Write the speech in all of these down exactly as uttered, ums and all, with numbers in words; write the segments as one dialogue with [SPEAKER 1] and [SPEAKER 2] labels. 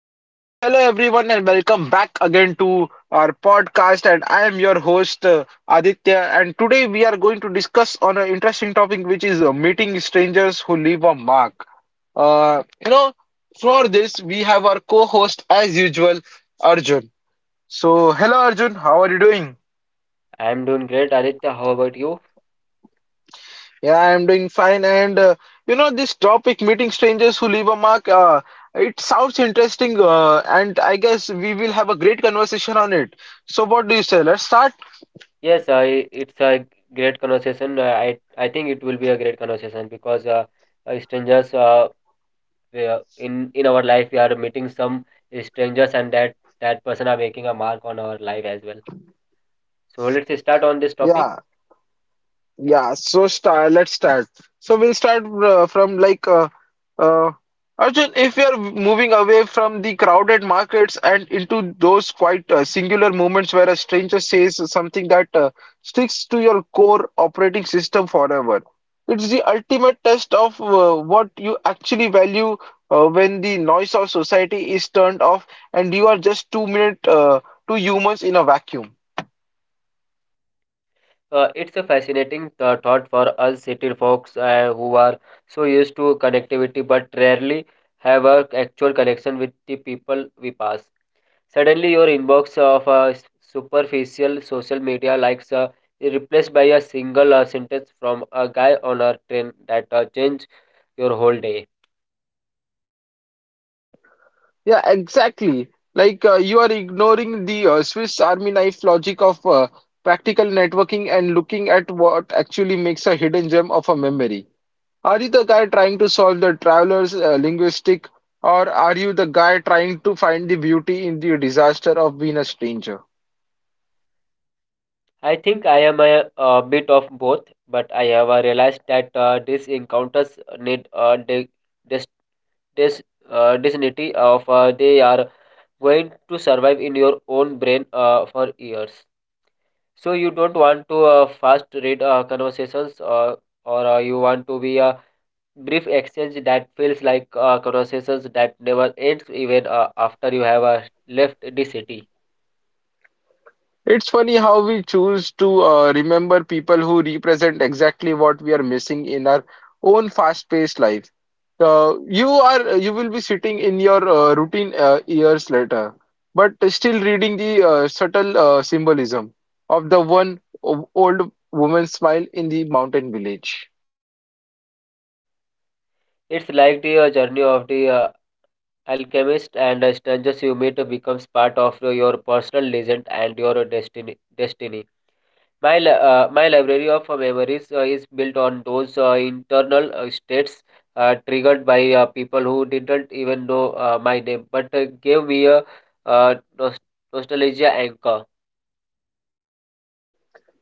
[SPEAKER 1] everyone, and welcome back again to our podcast. And I am your host uh, Aditya. And today we are going to discuss on an interesting topic, which is uh, meeting strangers who leave a mark. Uh, you know, for this we have our co-host as usual, Arjun. So, hello Arjun, how are you doing?
[SPEAKER 2] I'm doing great, Aditya. How about you?
[SPEAKER 1] Yeah, I'm doing fine. And uh, you know, this topic, meeting strangers who leave a mark, uh, it sounds interesting. Uh, and I guess we will have a great conversation on it. So, what do you say? Let's start.
[SPEAKER 2] Yes, I it's a great conversation. Uh, I I think it will be a great conversation because uh, uh, strangers uh, we are- in in our life we are meeting some strangers and that that person are making a mark on our life as well. So let's start on this topic.
[SPEAKER 1] Yeah. Yeah, so start. Let's start. So we'll start uh, from like uh, uh, Arjun. If we are moving away from the crowded markets and into those quite uh, singular moments where a stranger says something that uh, sticks to your core operating system forever, it's the ultimate test of uh, what you actually value uh, when the noise of society is turned off and you are just two minute uh, two humans in a vacuum.
[SPEAKER 2] Uh, it's a fascinating uh, thought for us city folks uh, who are so used to connectivity but rarely have a actual connection with the people we pass. Suddenly, your inbox of uh, s- superficial social media likes uh, is replaced by a single uh, sentence from a guy on a train that uh, changed your whole day.
[SPEAKER 1] Yeah, exactly. Like uh, you are ignoring the uh, Swiss Army knife logic of uh, practical networking and looking at what actually makes a hidden gem of a memory. Are you the guy trying to solve the traveler's uh, linguistic, or are you the guy trying to find the beauty in the disaster of being a stranger?
[SPEAKER 2] I think I am a, a bit of both, but I have uh, realized that uh, these encounters need uh, de- dis uh, dignity of uh, they are going to survive in your own brain uh, for years, so you don't want to uh, fast read uh, conversations, uh, or uh, you want to be a brief exchange that feels like uh, conversations that never ends even uh, after you have uh, left the city.
[SPEAKER 1] It's funny how we choose to uh, remember people who represent exactly what we are missing in our own fast-paced life. Uh, you are you will be sitting in your uh, routine uh, years later, but still reading the uh, subtle uh, symbolism of the one o- old woman's smile in the mountain village.
[SPEAKER 2] It's like the uh, journey of the uh, alchemist, and uh, strangers you meet becomes part of your personal legend and your destiny destiny My li uh, my library of uh, memories uh, is built on those uh, internal uh, states uh, triggered by uh, people who didn't even know uh, my name, but uh, gave me a uh, nos nostalgia anchor.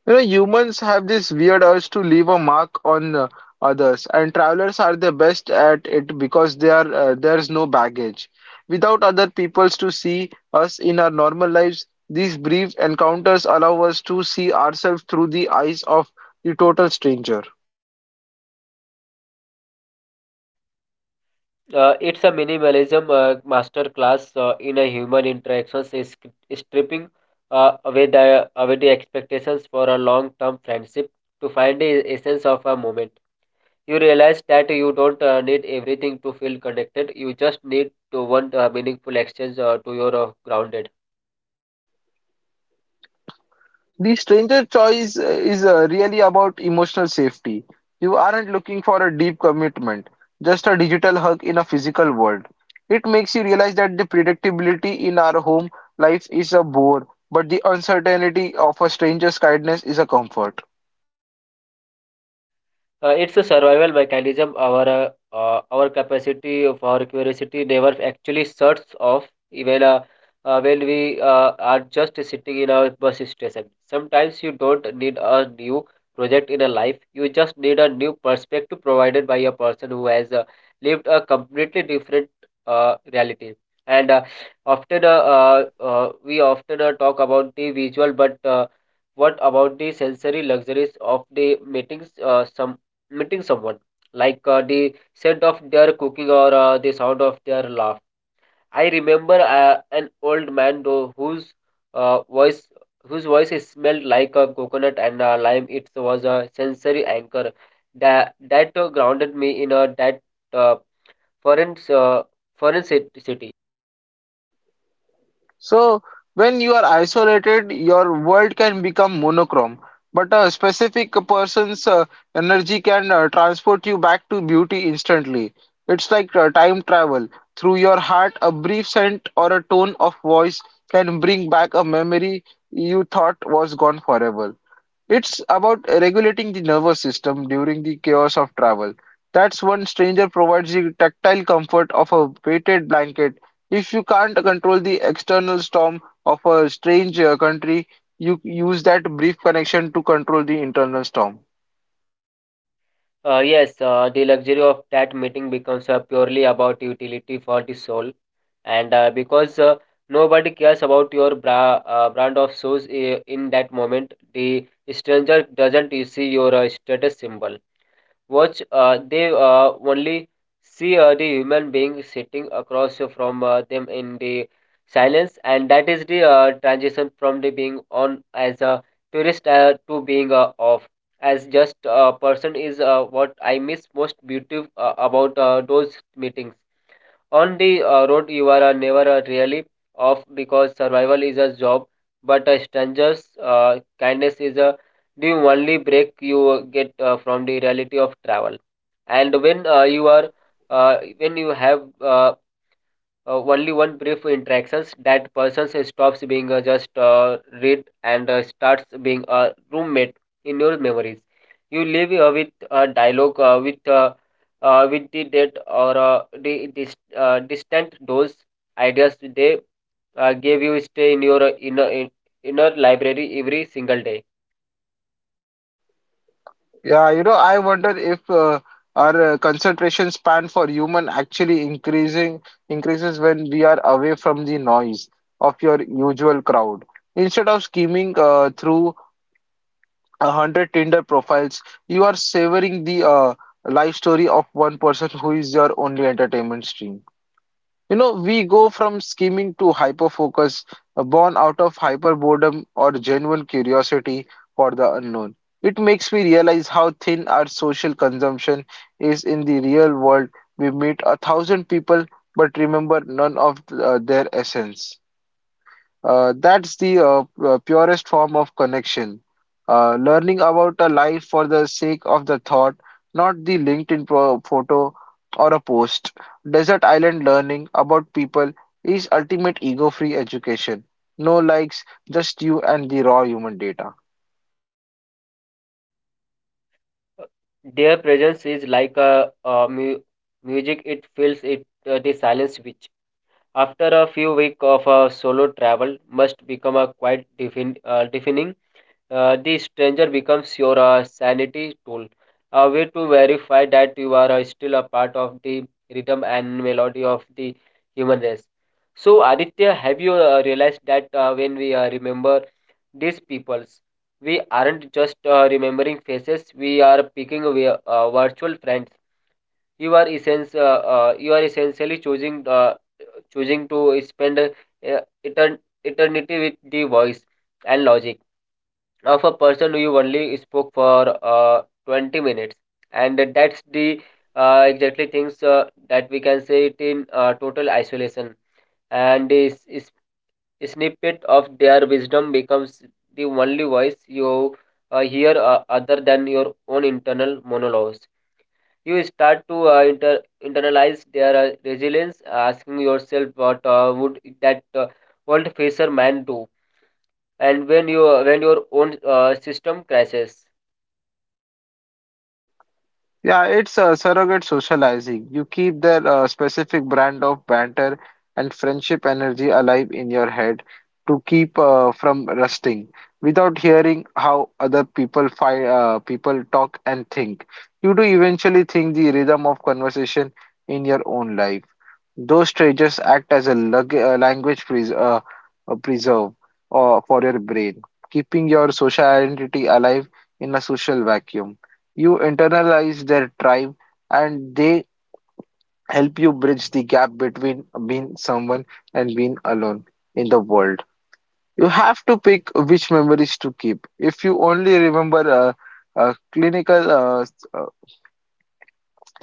[SPEAKER 1] You know, humans have this weird urge to leave a mark on uh, others, and travelers are the best at it because they are uh, there's no baggage. Without other peoples to see us in our normal lives, these brief encounters allow us to see ourselves through the eyes of the total stranger.
[SPEAKER 2] Uh, it's a minimalism uh, master class uh, in a human interactions, is stripping uh, away the away the expectations for a long-term friendship to find the essence of a moment. You realize that you don't uh, need everything to feel connected. You just need to one uh, meaningful exchange uh, to your uh, grounded.
[SPEAKER 1] The stranger choice uh, is uh, really about emotional safety. You aren't looking for a deep commitment, just a digital hug in a physical world. It makes you realize that the predictability in our home life is a bore, but the uncertainty of a stranger's kindness is a comfort.
[SPEAKER 2] Uh, it's a survival mechanism. Our uh, uh, our capacity for curiosity never actually shuts off even uh, uh, when we uh, are just sitting in a bus station. Sometimes you don't need a new project in a life. You just need a new perspective provided by a person who has uh, lived a completely different uh, reality. And uh, often uh, uh, uh, we often uh, talk about the visual, but uh, what about the sensory luxuries of the meetings? Uh, some Meeting someone like uh, the scent of their cooking or uh, the sound of their laugh. I remember uh, an old man though whose uh, voice whose voice is smelled like a coconut and uh, lime. It was a sensory anchor that that uh, grounded me in a that uh, foreign uh, foreign cit- city.
[SPEAKER 1] So, when you are isolated, your world can become monochrome, but a specific person's uh, energy can uh, transport you back to beauty instantly. It's like uh, time travel. Through your heart, a brief scent or a tone of voice can bring back a memory you thought was gone forever. It's about regulating the nervous system during the chaos of travel. That's one stranger provides the tactile comfort of a weighted blanket. If you can't control the external storm of a strange uh, country, you use that brief connection to control the internal storm.
[SPEAKER 2] Uh, yes, uh, the luxury of that meeting becomes uh, purely about utility for the soul, and uh, because uh, nobody cares about your bra uh, brand of shoes i- in that moment. The stranger doesn't see your uh, status symbol watch, uh, they uh, only see uh, the human being sitting across from uh, them in the silence, and that is the uh, transition from the being on as a tourist uh, to being uh, off as just a person is uh, what I miss most beautiful uh, about uh, those meetings. On the uh, road, you are uh, never uh, really off because survival is a job, but a stranger's uh, kindness is a the only break you uh, get uh, from the reality of travel. And when uh, you are uh, When you have uh, uh, only one brief interactions, that person stops being uh, just uh, read and uh, starts being a roommate in your memories. You live uh, with a dialogue uh, with uh, uh, with the date or uh, the dis- uh, distant. Those ideas they uh, gave you stay in your uh, inner in, inner library every single day.
[SPEAKER 1] Yeah, you know, I wonder if uh, our uh, concentration span for human actually increasing increases when we are away from the noise of your usual crowd. Instead of skimming uh, through a hundred Tinder profiles, you are savoring the uh, life story of one person who is your only entertainment stream. You know, we go from scheming to hyper focus, uh, born out of hyper boredom or genuine curiosity for the unknown. It makes me realize how thin our social consumption is in the real world. We meet a thousand people but remember none of uh, their essence. Uh, that's the uh, uh, purest form of connection. Uh, learning about a life for the sake of the thought, not the LinkedIn pro- photo or a post. Desert Island learning about people is ultimate ego-free education. No likes, just you and the raw human data.
[SPEAKER 2] Their presence is like a, a mu- music. It fills it, uh, the silence, which after a few weeks of uh, solo travel must become a quite defin- uh, defining. Uh, the stranger becomes your uh, sanity tool, a way to verify that you are uh, still a part of the rhythm and melody of the human race. So, Aditya, have you uh, realized that uh, when we uh, remember these peoples, we aren't just uh, remembering faces; we are picking vi- uh, virtual friends. You are essence uh, uh, you are essentially choosing uh, choosing to spend uh, etern- eternity with the voice and logic of a person who you only spoke for uh, twenty minutes, and that's the uh, exactly things uh, that we can say it in uh, total isolation. And is, is snippet of their wisdom becomes the only voice you uh, hear uh, other than your own internal monologues. You start to uh, inter- internalize their uh, resilience, asking yourself what uh, would that uh, world facer man do, and when you uh, when your own uh, system crashes.
[SPEAKER 1] Yeah, it's uh, surrogate socializing. You keep their uh, specific brand of banter and friendship energy alive in your head to keep uh, from rusting without hearing how other people fi uh, people talk and think. You do eventually think the rhythm of conversation in your own life. Those stages act as a lug- uh, language pres uh, uh, preserve or for your brain, keeping your social identity alive in a social vacuum. You internalize their tribe and they help you bridge the gap between being someone and being alone in the world. You have to pick which memories to keep. If you only remember uh, uh, clinical uh, s- uh,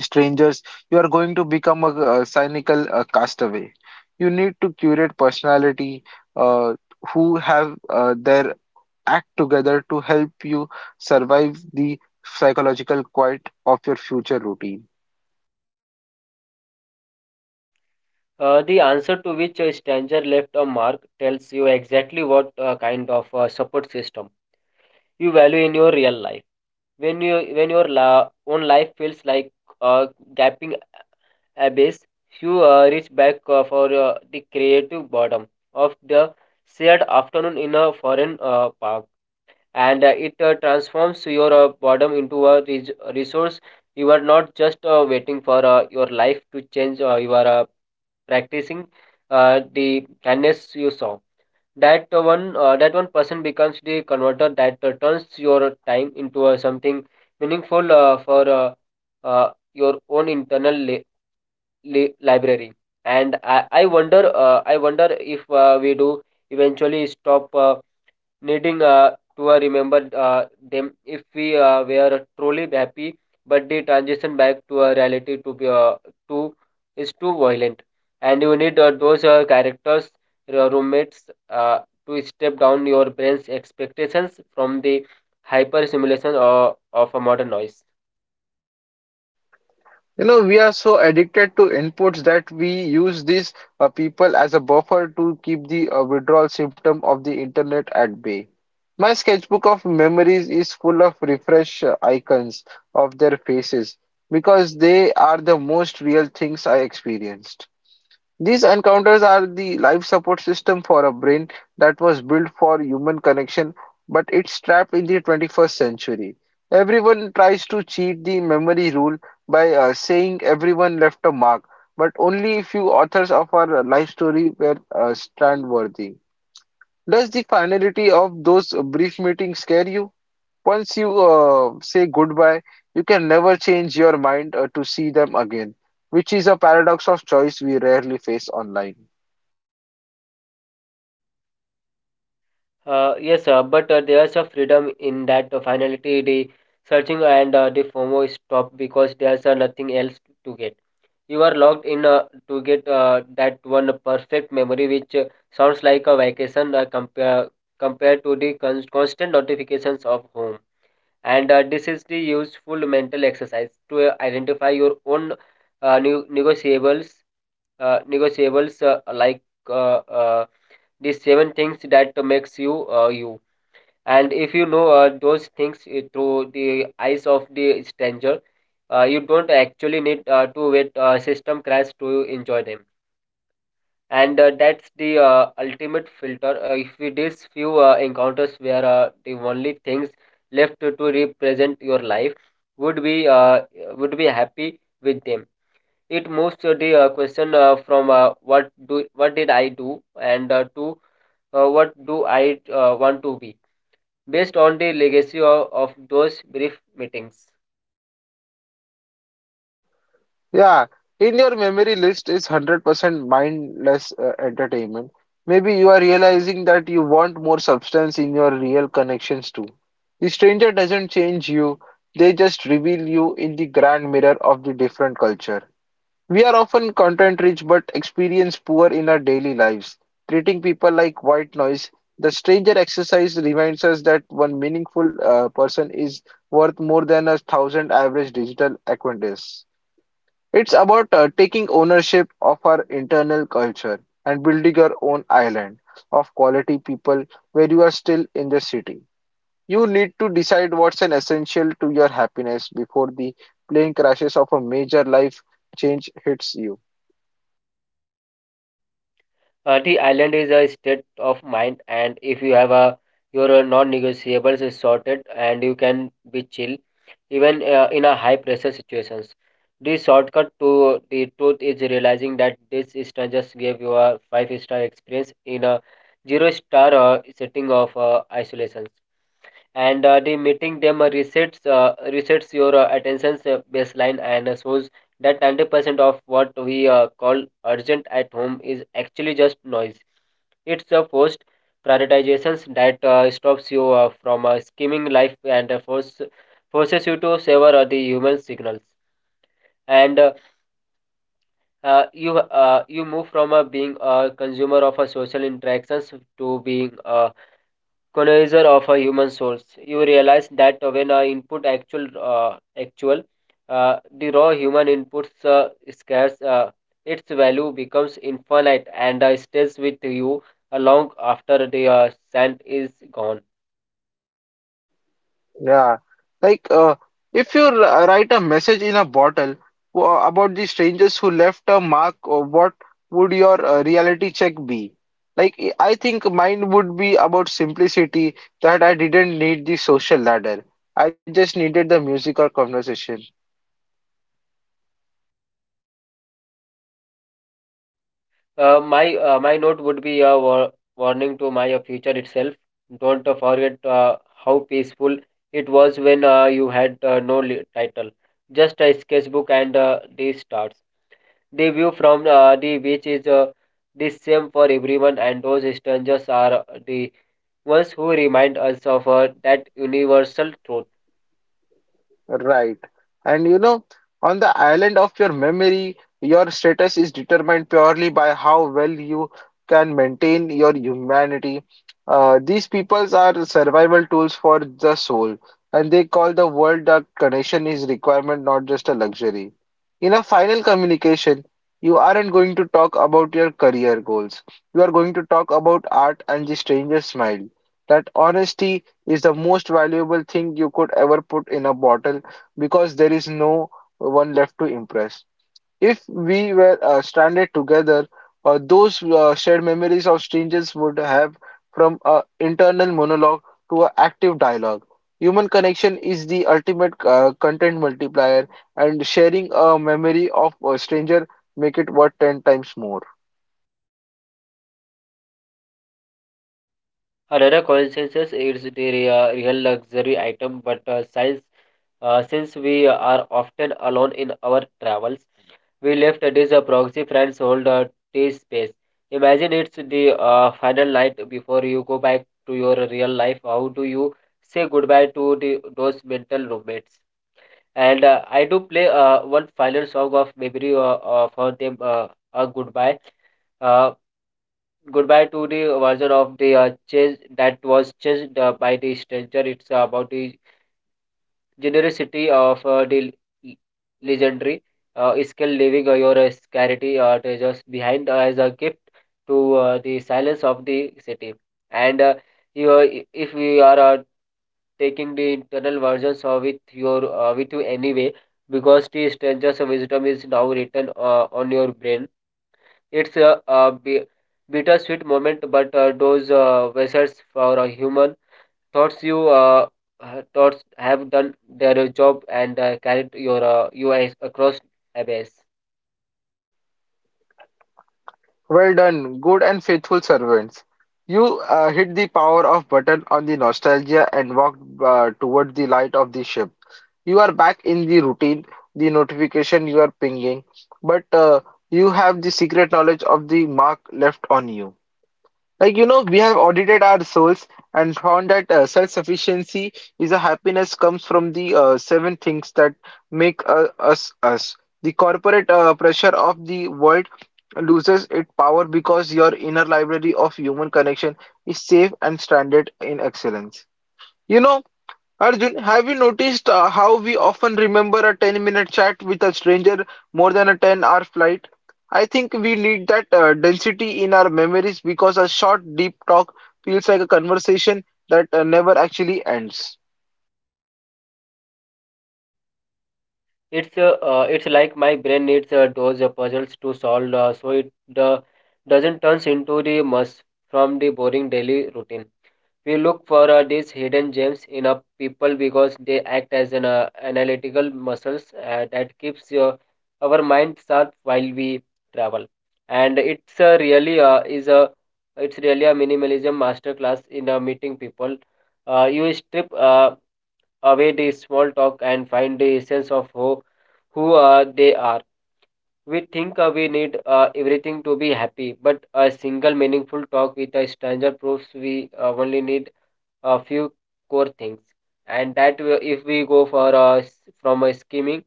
[SPEAKER 1] strangers, you are going to become a, uh cynical uh, castaway. You need to curate personality uh, who have uh, their act together to help you survive the psychological quiet of your future routine.
[SPEAKER 2] Uh, the answer to which a stranger left a mark tells you exactly what uh, kind of uh, support system you value in your real life. When you when your la- own life feels like a gaping abyss, you uh, reach back uh, for uh, the creative bottom of the shared afternoon in a foreign uh, park, and uh, it uh, transforms your uh, boredom into a res- resource. You are not just uh, waiting for uh, your life to change, uh, you are uh, practicing uh, the kindness you saw. That uh, one, uh, that one person becomes the converter that uh, turns your time into uh, something meaningful uh, for uh, uh, your own internal la li library. And I, I wonder uh, I wonder if uh, we do eventually stop uh, needing uh, to uh, remember uh, them if we uh, were truly happy, but the transition back to a reality to be uh, to is too violent. And you need uh, those uh, characters, your roommates, uh, to step down your brain's expectations from the hyper simulation uh, of a modern noise.
[SPEAKER 1] You know, we are so addicted to inputs that we use these uh, people as a buffer to keep the uh, withdrawal symptom of the internet at bay. My sketchbook of memories is full of refresh uh, icons of their faces because they are the most real things I experienced. These encounters are the life support system for a brain that was built for human connection, but it's trapped in the twenty-first century. Everyone tries to cheat the memory rule by uh, saying everyone left a mark, but only few authors of our life story were uh, stand worthy. Does the finality of those brief meetings scare you? Once you uh, say goodbye, you can never change your mind uh, to see them again, which is a paradox of choice we rarely face online.
[SPEAKER 2] Uh, yes, uh, but uh, there's a freedom in that uh, finality. The searching and uh, the FOMO is stopped because there's uh, nothing else to get. You are locked in uh, to get uh, that one perfect memory, which uh, sounds like a vacation uh, compare, compared to the con- constant notifications of home. And uh, this is the useful mental exercise to uh, identify your own uh, ne- negotiables, uh, negotiables uh, like uh, uh, the seven things that makes you uh, you, and if you know uh, those things uh, through the eyes of the stranger, uh, you don't actually need uh, to wait uh, system crash to enjoy them. And uh, that's the uh, ultimate filter, uh, if it is few uh, encounters where uh, the only things left to, to represent your life would be uh, would be happy with them. It moves to the uh, question uh, from uh, what do what did I do and uh, to uh, what do I uh, want to be based on the legacy of, of those brief meetings.
[SPEAKER 1] Yeah, in your memory list is a hundred percent mindless uh, entertainment. Maybe you are realizing that you want more substance in your real connections too. The stranger doesn't change you, they just reveal you in the grand mirror of the different culture. We are often content rich but experience poor in our daily lives, treating people like white noise. The stranger exercise reminds us that one meaningful uh, person is worth more than a thousand average digital acquaintances. It's about uh, taking ownership of our internal culture and building your own island of quality people where you are still in the city. You need to decide what's an essential to your happiness before the plane crashes of a major life change hits you.
[SPEAKER 2] Uh, the island is a state of mind, and if you have a your uh, non-negotiables is sorted, and you can be chill even uh, in a high-pressure situations. The shortcut to the truth is realizing that this instance just gave you a five-star experience in a zero-star uh, setting of uh, isolations. And uh, the meeting them uh, resets uh, resets your uh, attention uh, baseline and uh, shows that ninety percent of what we uh, call urgent at home is actually just noise. It's a forced prioritizations that uh, stops you uh, from uh, skimming life and uh, force, forces you to savor uh, the human signals. And uh, uh, you uh, you move from uh, being a consumer of uh, social interactions to being a colonizer of a human source. You realize that when I input actual uh, actual uh, the raw human inputs uh, scarce, uh, its value becomes infinite and uh, stays with you uh, long after the uh, scent is gone.
[SPEAKER 1] Yeah, like uh, if you r- uh, write a message in a bottle wha- about the strangers who left a mark, uh, what would your uh, reality check be? Like, I I think mine would be about simplicity that I didn't need the social ladder. I just needed the music or conversation.
[SPEAKER 2] Uh, my uh, my note would be a war- warning to my uh, future itself. Don't uh, forget uh, how peaceful it was when uh, you had uh, no li- title, just a sketchbook and uh, these starts. The view from uh, the beach is uh, the same for everyone, and those strangers are the ones who remind us of uh, that universal truth.
[SPEAKER 1] Right. And you know, on the island of your memory, your status is determined purely by how well you can maintain your humanity. Uh, these peoples are survival tools for the soul, and they call the world that connection is requirement, not just a luxury. In a final communication, you aren't going to talk about your career goals. You are going to talk about art and the stranger's smile. That honesty is the most valuable thing you could ever put in a bottle because there is no one left to impress. If we were uh, stranded together, uh, those uh, shared memories of strangers would have from an internal monologue to an active dialogue. Human connection is the ultimate uh, content multiplier, and sharing a memory of a stranger make it worth ten times more.
[SPEAKER 2] Another coincidence is the rea- real luxury item, but uh, since, uh, since we are often alone in our travels, we left this uh, proxy friends hold uh, this space. Imagine it's the uh, final night before you go back to your real life. How do you say goodbye to the, those mental roommates? And uh, I do play uh, one final song of memory uh, uh, for them, uh, a goodbye. Uh, Goodbye to the version of the uh, change that was changed uh, by the stranger. It's about the generosity of uh, the le- legendary uh, skill, leaving uh, your uh, scarcity uh, treasures behind uh, as a gift to uh, the silence of the city, and uh, you, are- i- if we are uh, taking the internal versions of with your uh, with you anyway, because the stranger's wisdom is now written uh, on your brain. It's a, a bi- bittersweet moment, but uh, those uh, vessels for a human thoughts you uh, uh, thoughts have done their job and uh, carried your uh, U Is across a base.
[SPEAKER 1] Well done, good and faithful servants. You uh, hit the power off button on the nostalgia and walked uh, toward the light of the ship. You are back in the routine, the notification you are pinging, but uh, you have the secret knowledge of the mark left on you. Like, you know, we have audited our souls and found that uh, self-sufficiency is a happiness comes from the uh, seven things that make uh, us us. The corporate uh, pressure of the world loses its power because your inner library of human connection is safe and stranded in excellence. You know, Arjun, have you noticed uh, how we often remember a ten minute chat with a stranger more than a ten hour flight? I think we need that uh, density in our memories because a short, deep talk feels like a conversation that uh, never actually ends.
[SPEAKER 2] It's uh, uh, it's like my brain needs uh, those uh, puzzles to solve, uh, so it uh, doesn't turns into the mess from the boring daily routine. We look for uh, these hidden gems in a people, because they act as an uh, analytical muscles uh, that keeps your our mind sharp while we travel. And it's uh, really uh, is a it's really a minimalism masterclass in uh, meeting people. Uh, you strip uh, away the small talk and find the essence of who who uh, they are. We think uh, we need uh, everything to be happy, but a single meaningful talk with a stranger proves we uh, only need a few core things. And that will- if we go for uh, s- from uh, skimming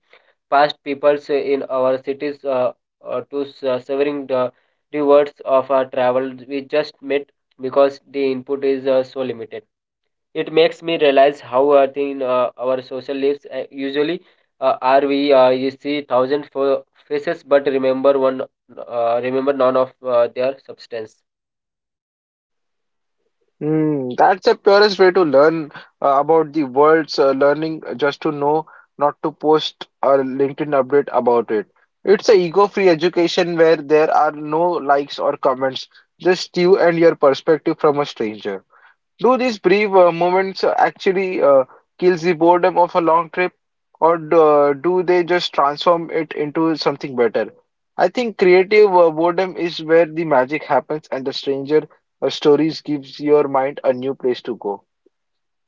[SPEAKER 2] past peoples in our cities uh, uh, to s- uh, severing the rewards of our travel we just met, because the input is uh, so limited, it makes me realize how uh, thin uh, our social lives uh, usually uh, are. We uh, you see thousand fo- faces but remember one, uh, remember none of uh, their substance.
[SPEAKER 1] Hmm, that's the purest way to learn uh, about the world's uh, learning, uh, just to know not to post a LinkedIn update about it. It's a ego-free education where there are no likes or comments, just you and your perspective from a stranger. Do these brief uh, moments uh, actually uh, kills the boredom of a long trip, or do, uh, do they just transform it into something better? I think creative uh, boredom is where the magic happens, and the stranger uh, stories gives your mind a new place to go.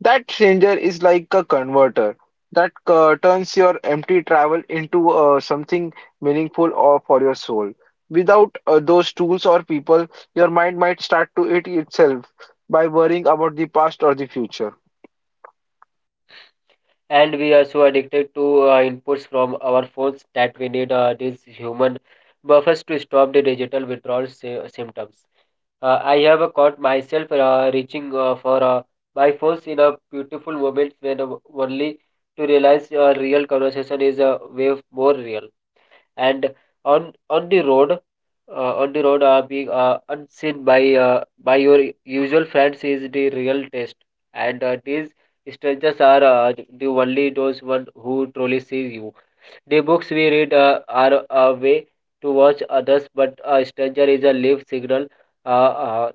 [SPEAKER 1] That stranger is like a converter that uh, turns your empty travel into uh, something meaningful or for your soul. Without uh, those tools or people, your mind might start to eat itself by worrying about the past or the future.
[SPEAKER 2] And we are so addicted to uh, inputs from our phones that we need uh, these human buffers to stop the digital withdrawal sy- symptoms. Uh, I have uh, caught myself uh, reaching uh, for uh, my phones in a beautiful moments, when uh, only to realize a real conversation is a way more real. And on on the road uh, on the road uh, being uh, unseen by uh, by your usual friends is the real test, and uh, these strangers are uh, the only those one who truly sees you. The books we read uh, are a way to watch others, but a stranger is a live signal, uh, uh,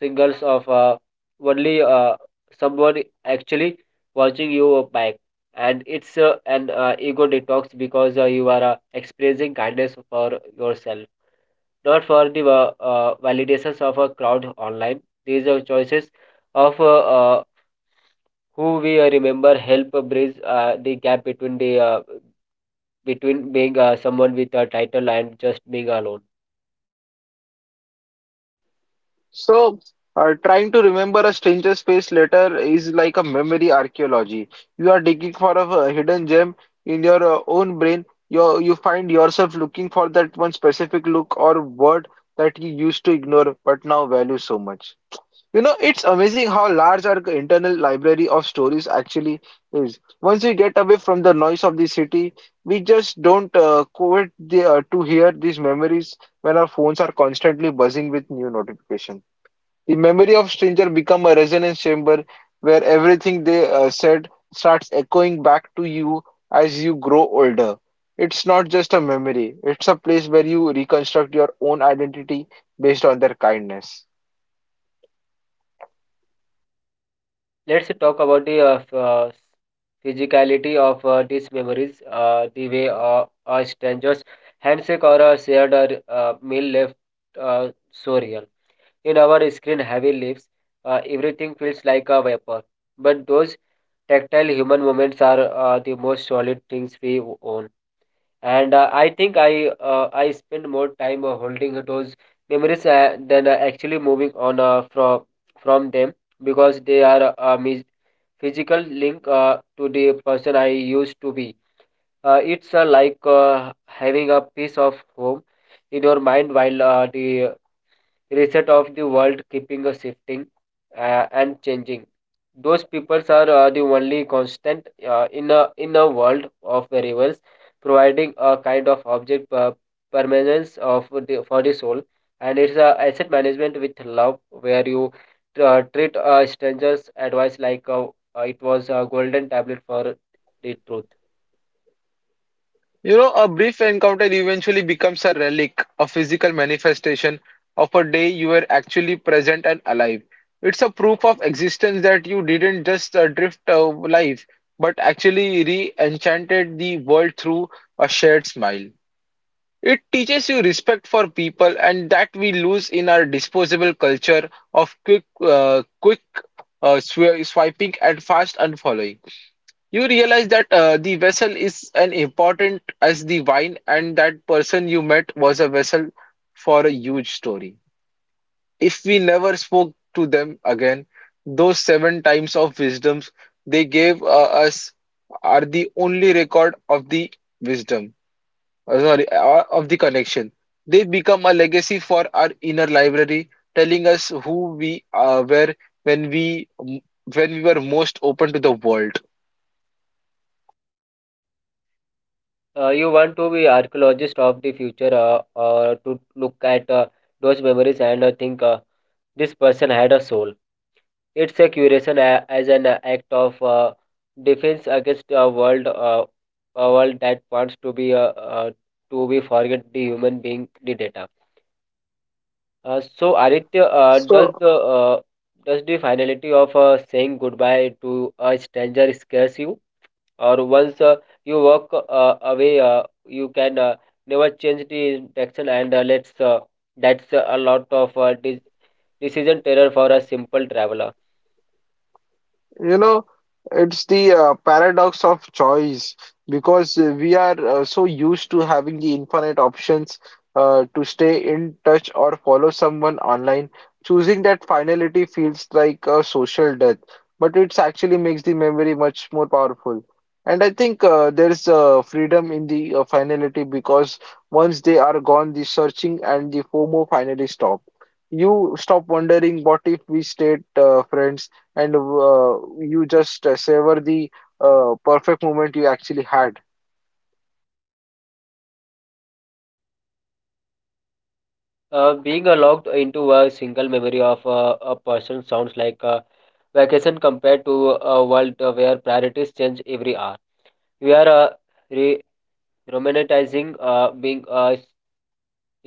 [SPEAKER 2] signals of uh, only uh, someone actually watching you back. And it's uh, an uh, ego detox, because uh, you are uh, expressing kindness for yourself, not for the uh, uh, validations of a crowd online. These are choices of uh, uh, who we uh, remember help bridge uh, the gap between the uh, between being uh, someone with a title and just being alone.
[SPEAKER 1] So, uh, Trying to remember a stranger's face later is like a memory archaeology. You are digging for a uh, hidden gem in your uh, own brain. You you find yourself looking for that one specific look or word that you used to ignore but now value so much. You know, it's amazing how large our internal library of stories actually is. Once we get away from the noise of the city, we just don't uh, quit the, uh, to hear these memories when our phones are constantly buzzing with new notifications. The memory of Stranger become a resonance chamber where everything they uh, said starts echoing back to you as you grow older. It's not just a memory, it's a place where you reconstruct your own identity based on their kindness.
[SPEAKER 2] Let's talk about the uh, f- uh, physicality of uh, these memories, uh, the way uh, a stranger's handshake or a shared uh, uh, meal left uh, so real. In our screen-heavy lives, uh, everything feels like a vapor, but those tactile human moments are uh, the most solid things we own. And uh, i think i uh, i spend more time uh, holding those memories uh, than uh, actually moving on uh, from from them, because they are a mis- physical link uh, to the person I used to be. Uh, it's uh, like uh, having a piece of home in your mind while uh, the reset of the world keeping a shifting uh, and changing. Those peoples are uh, the only constant uh, in a in a world of variables, providing a kind of object uh, permanence of the, for the soul. And it's a asset management with love, where you uh, treat a stranger's advice like uh, uh, it was a golden tablet for the truth.
[SPEAKER 1] You know, a brief encounter eventually becomes a relic, a physical manifestation of a day you were actually present and alive. It's a proof of existence that you didn't just uh, drift of life, but actually re enchanted the world through a shared smile. It teaches you respect for people and that we lose in our disposable culture of quick, uh, quick uh, swi- swiping and fast unfollowing. You realize that uh, the vessel is an important as the wine, and that person you met was a vessel for a huge story. If we never spoke to them again, those seven times of wisdoms they gave uh, us are the only record of the wisdom, uh, sorry, uh, of the connection. They become a legacy for our inner library, telling us who we uh, were when we when we were most open to the world.
[SPEAKER 2] Uh, you want to be archaeologist of the future uh, uh, to look at uh, those memories and uh, think, uh, this person had a soul. It's a curation a- as an act of uh, defense against a world, uh, a world that wants to be uh, uh, to be forget the human being, the data. Uh, so Aditya, uh, does
[SPEAKER 1] So.
[SPEAKER 2] the uh, does the finality of uh, saying goodbye to a stranger scares you, or once uh, you walk uh, away, uh, you can uh, never change the direction, and uh, let's uh, that's a lot of uh, dis- decision terror for a simple traveler.
[SPEAKER 1] You know, it's the uh, paradox of choice because uh, we are uh, so used to having the infinite options uh, to stay in touch or follow someone online. Choosing that finality feels like a social death, but it actually makes the memory much more powerful. And I think uh, there's uh, freedom in the uh, finality because once they are gone, the searching and the FOMO finally stop. You stop wondering, what if we stayed uh, friends? And uh, You just uh, savor the uh, perfect moment you actually had.
[SPEAKER 2] Uh, being uh, locked into a single memory of uh, a person sounds like a vacation compared to a world uh, where priorities change every hour. We are uh, re romanticizing uh, being uh,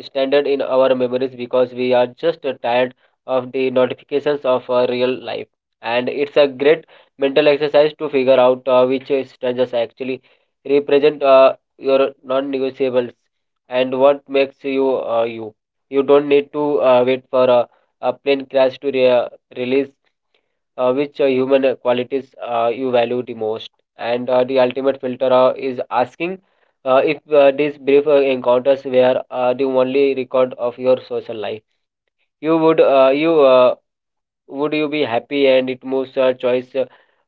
[SPEAKER 2] standard in our memories, because we are just uh, tired of the notifications of our real life. And it's a great mental exercise to figure out uh, which uh, strangers actually represent uh, your non negotiables and what makes you uh, you. You don't need to uh, wait for a, a plane crash to re- release uh, which uh, human uh, qualities uh, you value the most. And uh, the ultimate filter uh, is asking uh, if uh, these brief uh, encounters were uh, the only record of your social life. You would uh, you uh, Would you be happy? And it moves uh, choice uh,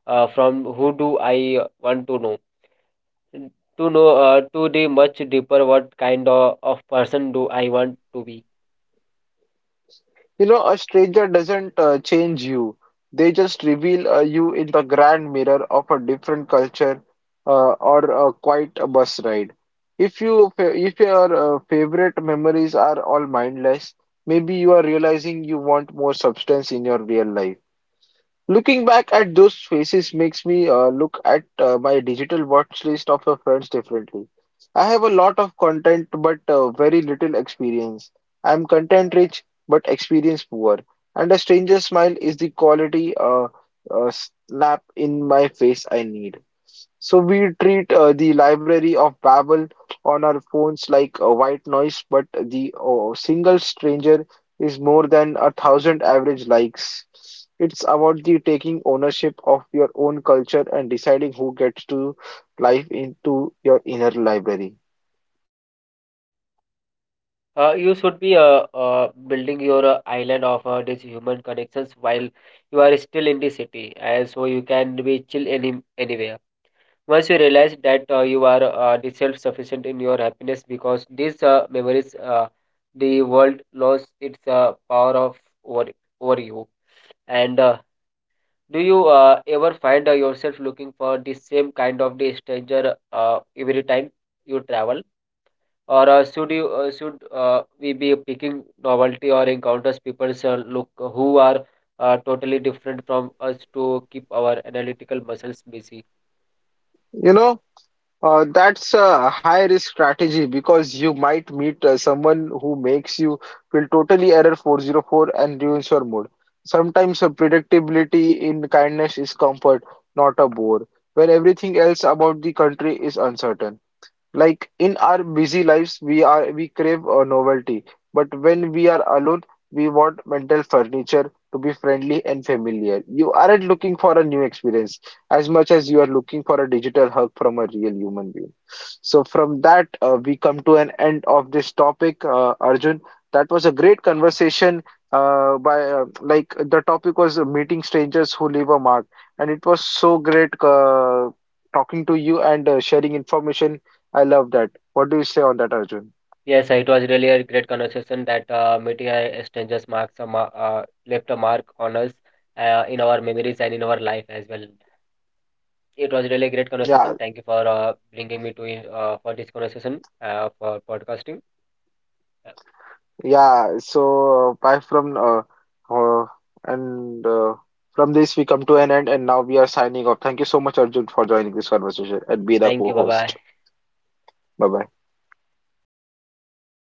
[SPEAKER 2] uh, from who do I want to know to know uh, to the much deeper, what kind of, of person do I want to be.
[SPEAKER 1] You know, a stranger doesn't uh, change you. They just reveal uh, you in the grand mirror of a different culture uh, or a quite a bus ride. If you fa- if your uh, favorite memories are all mindless, maybe you are realizing you want more substance in your real life. Looking back at those faces makes me uh, look at uh, my digital watch list of my friends differently. I have a lot of content but uh, very little experience. I'm content rich but experience poor. And a stranger's smile is the quality uh, uh, snap in my face I need. So we treat uh, the Library of Babel on our phones like a white noise, but the uh, single stranger is more than a thousand average likes. It's about the taking ownership of your own culture and deciding who gets to live into your inner library.
[SPEAKER 2] Uh, you should be uh, uh, building your uh, island of uh, these human connections while you are still in the city, and so you can be chill any anywhere. Once you realize that uh, you are uh, the self-sufficient in your happiness, because these uh, memories, uh, the world lost its uh, power of over over you. And uh, do you uh, ever find uh, yourself looking for the same kind of the stranger uh, every time you travel? Or uh, should you uh, should uh, we be picking novelty or encounters? People uh, look who are uh, totally different from us to keep our analytical muscles busy.
[SPEAKER 1] You know? Uh, that's a high risk strategy because you might meet uh, someone who makes you feel totally error four zero four and ruins your mood. Sometimes uh, predictability in kindness is comfort, not a bore, when everything else about the country is uncertain. Like in our busy lives, we are we crave a novelty, but when we are alone, we want mental furniture to be friendly and familiar. You aren't looking for a new experience as much as you are looking for a digital hug from a real human being. So from that, uh, we come to an end of this topic, uh, Arjun. That was a great conversation. Uh, by uh, like the topic was uh, meeting strangers who leave a mark, and it was so great uh, talking to you and uh, sharing information. I love that. What do you say on that, Arjun?
[SPEAKER 2] Yes, it was really a great conversation, that uh, meeting a strangers marks a ma- uh, left a mark on us uh, in our memories and in our life as well. It was really a great
[SPEAKER 1] Yeah,
[SPEAKER 2] conversation. Thank you for uh, bringing me to uh, for this conversation uh, for podcasting.
[SPEAKER 1] yeah. So, uh, bye from uh, uh and uh, from this we come to an end, and now we are signing off. Thank you so much, Arjun, for joining this conversation and be the
[SPEAKER 2] Thank you, bye bye.
[SPEAKER 1] co-host. Bye bye.